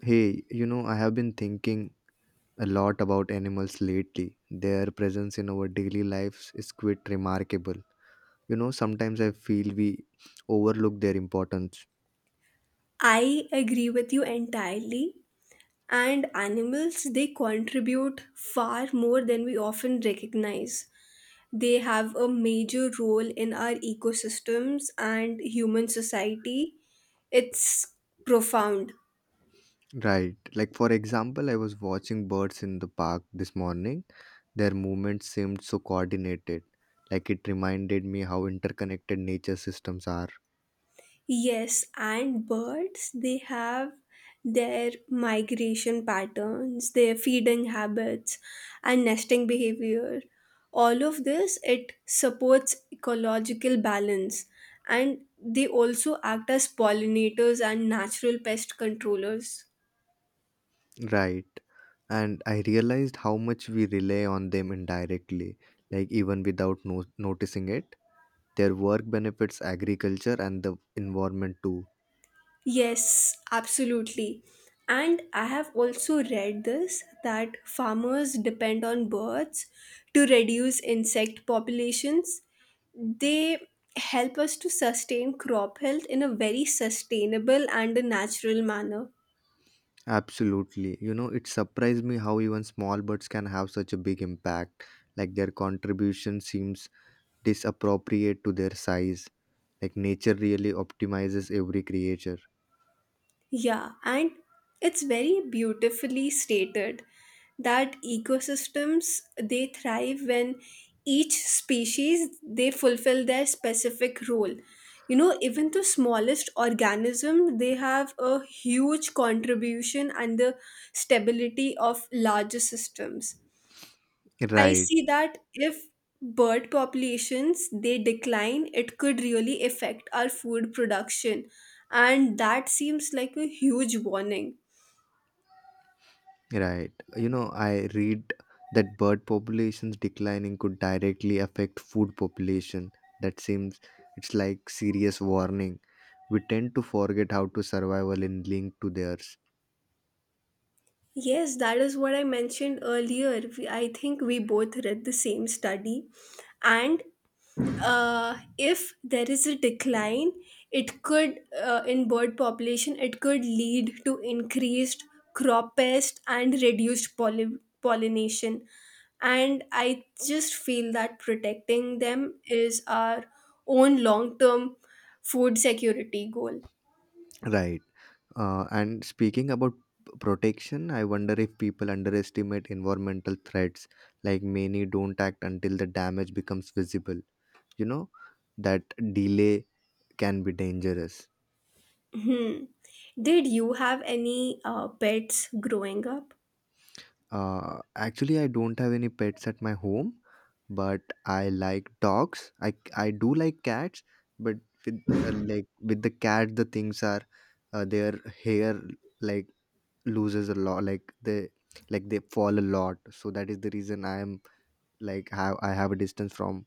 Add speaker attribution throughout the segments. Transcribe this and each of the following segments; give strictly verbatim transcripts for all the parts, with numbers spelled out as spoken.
Speaker 1: Hey, you know, I have been thinking a lot about animals lately. Their presence in our daily lives is quite remarkable. You know, sometimes I feel we overlook their importance.
Speaker 2: I agree with you entirely. And animals, they contribute far more than we often recognize. They have a major role in our ecosystems and human society. It's profound.
Speaker 1: Right. Like, for example, I was watching birds in the park this morning. Their movements seemed so coordinated. Like, it reminded me how interconnected nature systems are.
Speaker 2: Yes, and birds, they have their migration patterns, their feeding habits, and nesting behavior. All of this, it supports ecological balance, and they also act as pollinators and natural pest controllers.
Speaker 1: Right. And I realized how much we rely on them indirectly, like, even without no- noticing it. Their work benefits agriculture and the environment too.
Speaker 2: Yes, absolutely. And I have also read this that farmers depend on birds to reduce insect populations. They help us to sustain crop health in a very sustainable and a natural manner.
Speaker 1: Absolutely. You know, it surprised me how even small birds can have such a big impact. Like their contribution seems disappropriate to their size. Like nature really optimizes every creature.
Speaker 2: Yeah, and it's very beautifully stated that ecosystems they thrive when each species they fulfill their specific role. You know, even the smallest organism they have a huge contribution and the stability of larger systems. I
Speaker 1: Right,
Speaker 2: see that if bird populations they decline, it could really affect our food production, and that seems like a huge warning.
Speaker 1: right. You know, I read that bird populations declining could directly affect food population. That seems it's like serious warning. We tend to forget how to survival in link to theirs.
Speaker 2: Yes, that is what I mentioned earlier. We, I think we both read the same study, and uh, if there is a decline it could uh, in bird population it could lead to increased crop pest and reduced poly- pollination, and I just feel that protecting them is our own long term food security goal.
Speaker 1: Right. Uh, and speaking about p- protection, I wonder if people underestimate environmental threats. Like many don't act until the damage becomes visible. You know, that delay can be dangerous.
Speaker 2: Hmm. Did you have any uh, pets growing up?
Speaker 1: Uh, actually, I don't have any pets at my home, but I like dogs. I, I do like cats, but with uh, like with the cat, the things are uh, their hair like loses a lot, like they like they fall a lot, so that is the reason I am like have i have a distance from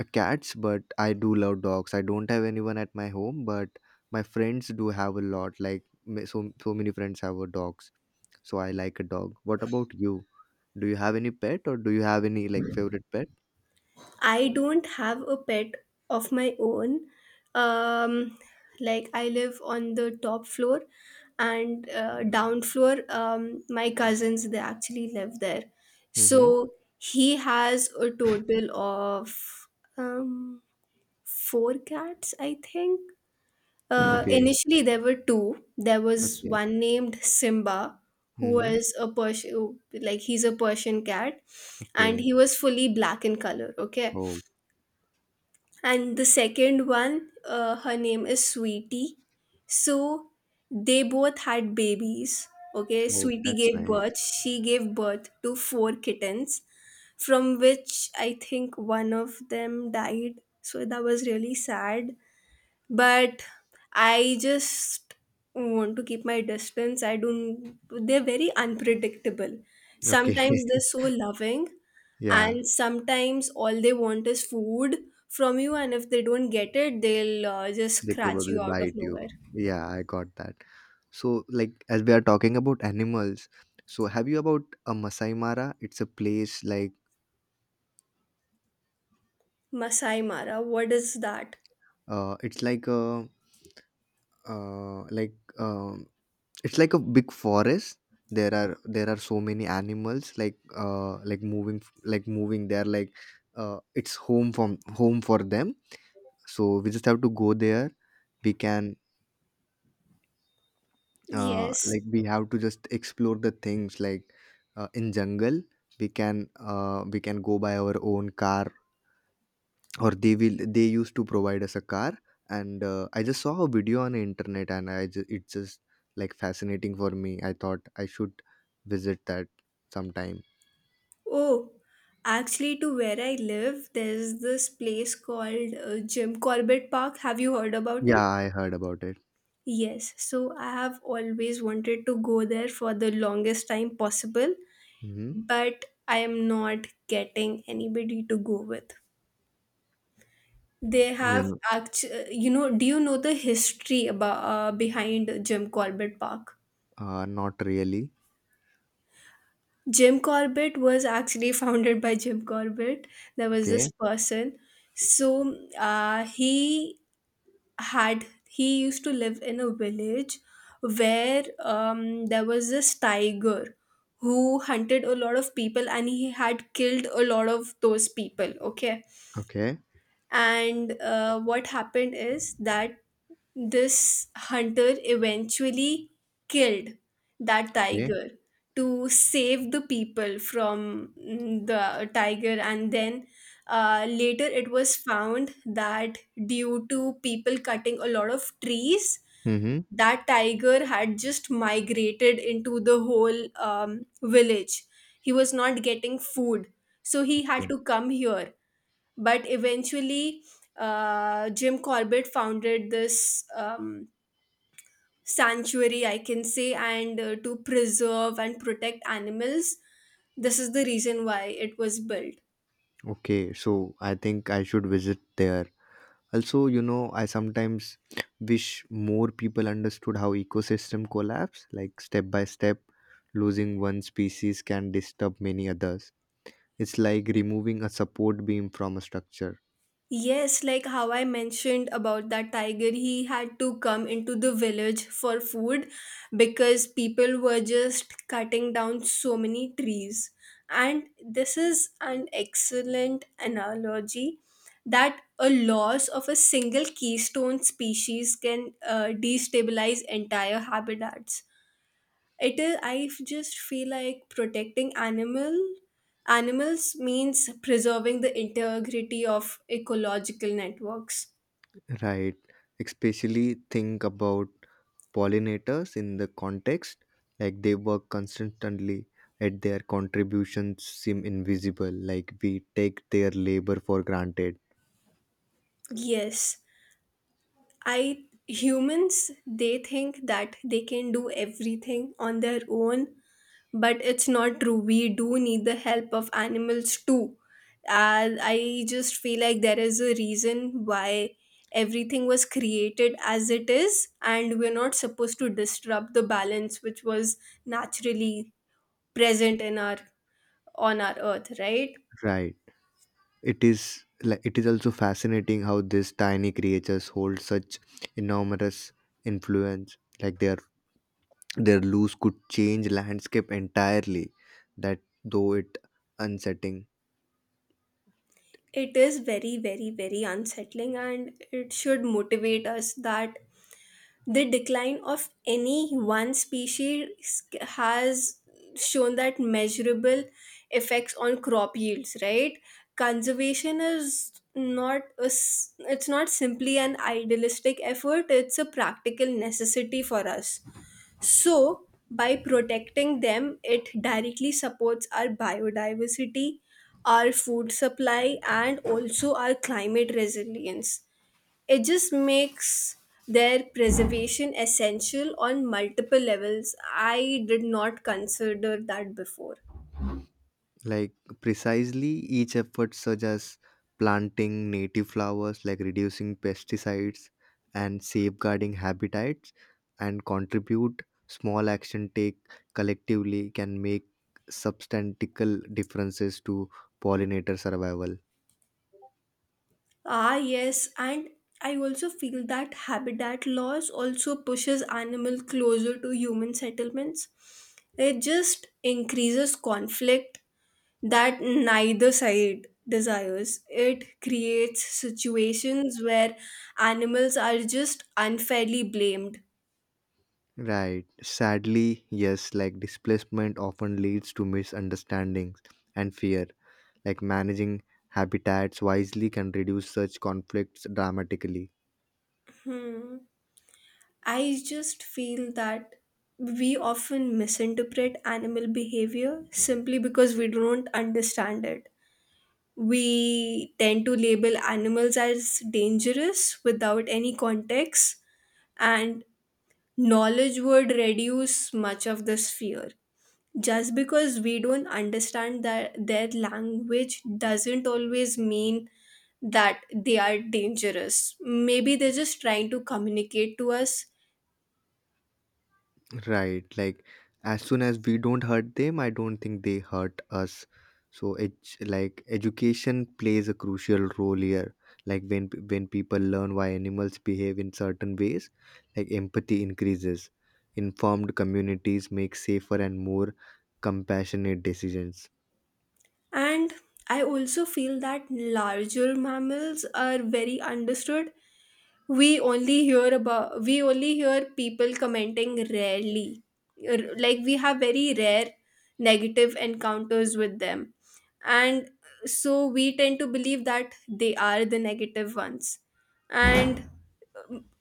Speaker 1: uh, cats, but I do love dogs. I don't have anyone at my home, but my friends do have a lot, like ma- so so many friends have a dogs, so I like a dog. What about you? Do you have any pet, or do you have any like favorite pet?
Speaker 2: I don't have a pet of my own. Um, like I live on the top floor, and uh, down floor, um, my cousins they actually live there.
Speaker 1: Mm-hmm.
Speaker 2: So he has a total of um, four cats, I think. Uh,
Speaker 1: Okay.
Speaker 2: initially, there were two. There was
Speaker 1: Okay.
Speaker 2: one named Simba, who
Speaker 1: Mm-hmm.
Speaker 2: was a Persian, like he's a Persian cat, and
Speaker 1: Okay.
Speaker 2: he was fully black in color. Okay,
Speaker 1: Oh.
Speaker 2: and the second one uh, her name is Sweetie. So they both had babies. Okay,
Speaker 1: Oh,
Speaker 2: Sweetie
Speaker 1: that's
Speaker 2: gave
Speaker 1: nice.
Speaker 2: birth. She gave birth to four kittens, from which I think one of them died, so that was really sad. But I just want to keep my distance. I don't, they're very unpredictable.
Speaker 1: Okay.
Speaker 2: Sometimes they're so loving,
Speaker 1: Yeah.
Speaker 2: and sometimes all they want is food from you, and if they don't get it, they'll uh, just
Speaker 1: They
Speaker 2: scratch
Speaker 1: probably
Speaker 2: you out of
Speaker 1: bite you.
Speaker 2: nowhere.
Speaker 1: Yeah, I got that. So, like, as we are talking about animals, so have you about a Masai Mara? It's a place, like,
Speaker 2: Masai Mara, what is that?
Speaker 1: uh, it's like a, uh, like, um, it's like a big forest. There are there are so many animals, like uh like moving like moving. They're like, uh it's home from home for them. So we just have to go there. We can, uh,
Speaker 2: Yes.
Speaker 1: like, we have to just explore the things, like, uh, in jungle we can, uh, we can go by our own car, or they will they used to provide us a car. And uh, I just saw a video on the internet, and I just, it's just like fascinating for me. I thought I should visit that sometime.
Speaker 2: Oh, actually, to where I live, there's this place called uh, Jim Corbett Park. Have you heard about it?
Speaker 1: Yeah, I heard about it.
Speaker 2: Yes, so I have always wanted to go there for the longest time possible,
Speaker 1: Mm-hmm.
Speaker 2: but I am not getting anybody to go with. They
Speaker 1: You
Speaker 2: have
Speaker 1: know,
Speaker 2: actually, you know, do you know the history about uh, behind Jim Corbett Park?
Speaker 1: uh, not really.
Speaker 2: Jim Corbett was actually founded by Jim Corbett. There was this
Speaker 1: Okay.
Speaker 2: person. So uh, he had he used to live in a village where um, there was this tiger who hunted a lot of people and he had killed a lot of those people. Okay,
Speaker 1: Okay.
Speaker 2: and uh, what happened is that this hunter eventually killed that
Speaker 1: Okay.
Speaker 2: tiger to save the people from mm, the tiger, and then uh, later it was found that due to people cutting a lot of trees,
Speaker 1: Mm-hmm.
Speaker 2: that tiger had just migrated into the whole um, village. He was not getting food, so he had
Speaker 1: Okay.
Speaker 2: to come here. But eventually, uh, Jim Corbett founded this. Um, sanctuary, I can say, and uh, to preserve and protect animals. This is the reason why it was built.
Speaker 1: Okay, so I think I should visit there. Also, you know, I sometimes wish more people understood how ecosystem collapse, like step by step, losing one species can disturb many others. It's like removing a support beam from a structure.
Speaker 2: Yes, like how I mentioned about that tiger, he had to come into the village for food because people were just cutting down so many trees. And this is an excellent analogy that a loss of a single keystone species can uh, destabilize entire habitats. It is. I just feel like protecting animal animals means preserving the integrity of ecological networks.
Speaker 1: Right. Especially think about pollinators in the context, like they work constantly at their contributions seem invisible, like we take their labor for granted.
Speaker 2: Yes, I humans they think that they can do everything on their own, but it's not true. We do need the help of animals too. uh, I just feel like there is a reason why everything was created as it is, and we're not supposed to disrupt the balance which was naturally present in our on our earth, right?
Speaker 1: Right. It is like it is also fascinating how these tiny creatures hold such enormous influence. Like their their loose could change landscape entirely. That though it unsettling.
Speaker 2: It is very, very, very unsettling, and it should motivate us that the decline of any one species has shown that measurable effects on crop yields, right? Conservation is not a, s- it's not simply an idealistic effort. It's a practical necessity for us. So by protecting them, it directly supports our biodiversity, our food supply, and also our climate resilience. It just makes their preservation essential on multiple levels. I did not consider that before.
Speaker 1: Like precisely each effort such as planting native flowers, like reducing pesticides and safeguarding habitats, and contribute small action take collectively, can make substantial differences to pollinator survival.
Speaker 2: Ah, yes, and I also feel that habitat loss also pushes animal closer to human settlements. It just increases conflict that neither side desires. It creates situations where animals are just unfairly blamed.
Speaker 1: Right. Sadly, yes, like displacement often leads to misunderstandings and fear. Like managing habitats wisely can reduce such conflicts dramatically.
Speaker 2: Hmm. I just feel that we often misinterpret animal behavior simply because we don't understand it. We tend to label animals as dangerous without any context, and knowledge would reduce much of this fear. Just because we don't understand that their language doesn't always mean that they are dangerous. Maybe they're just trying to communicate to us.
Speaker 1: Right. Like as soon as we don't hurt them, I don't think they hurt us. So it's like education plays a crucial role here. Like when p- when people learn why animals behave in certain ways, like empathy increases. Informed communities make safer and more compassionate decisions.
Speaker 2: And I also feel that larger mammals are very understood. We only hear about we only hear people commenting rarely. R- Like we have very rare negative encounters with them. And so we tend to believe that they are the negative ones. And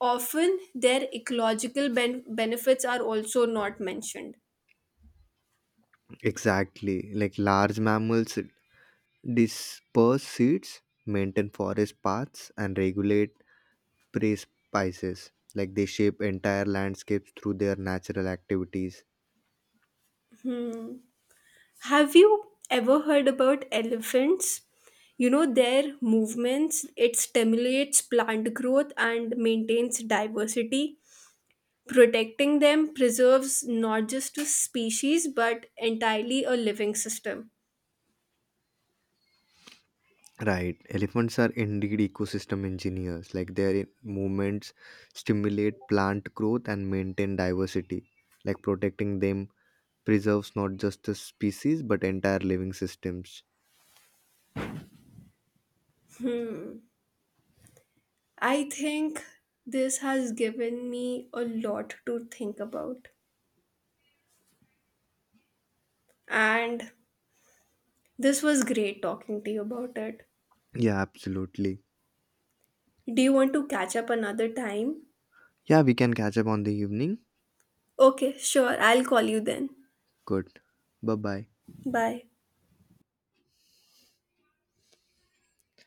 Speaker 2: often their ecological ben- benefits are also not mentioned.
Speaker 1: Exactly. Like large mammals disperse seeds, maintain forest paths, and regulate prey species, like they shape entire landscapes through their natural activities.
Speaker 2: Have you ever heard about elephants? You know, their movements, it stimulates plant growth and maintains diversity. Protecting them preserves not just a species but entirely a living system.
Speaker 1: Right, elephants are indeed ecosystem engineers. Like their movements stimulate plant growth and maintain diversity. Like protecting them preserves not just the species but entire living systems.
Speaker 2: I think this has given me a lot to think about. And this was great talking to you about it.
Speaker 1: Yeah, absolutely.
Speaker 2: Do you want to catch up another time?
Speaker 1: Yeah, we can catch up on the evening.
Speaker 2: Okay, sure. I'll call you then.
Speaker 1: Good. Bye bye
Speaker 2: Bye.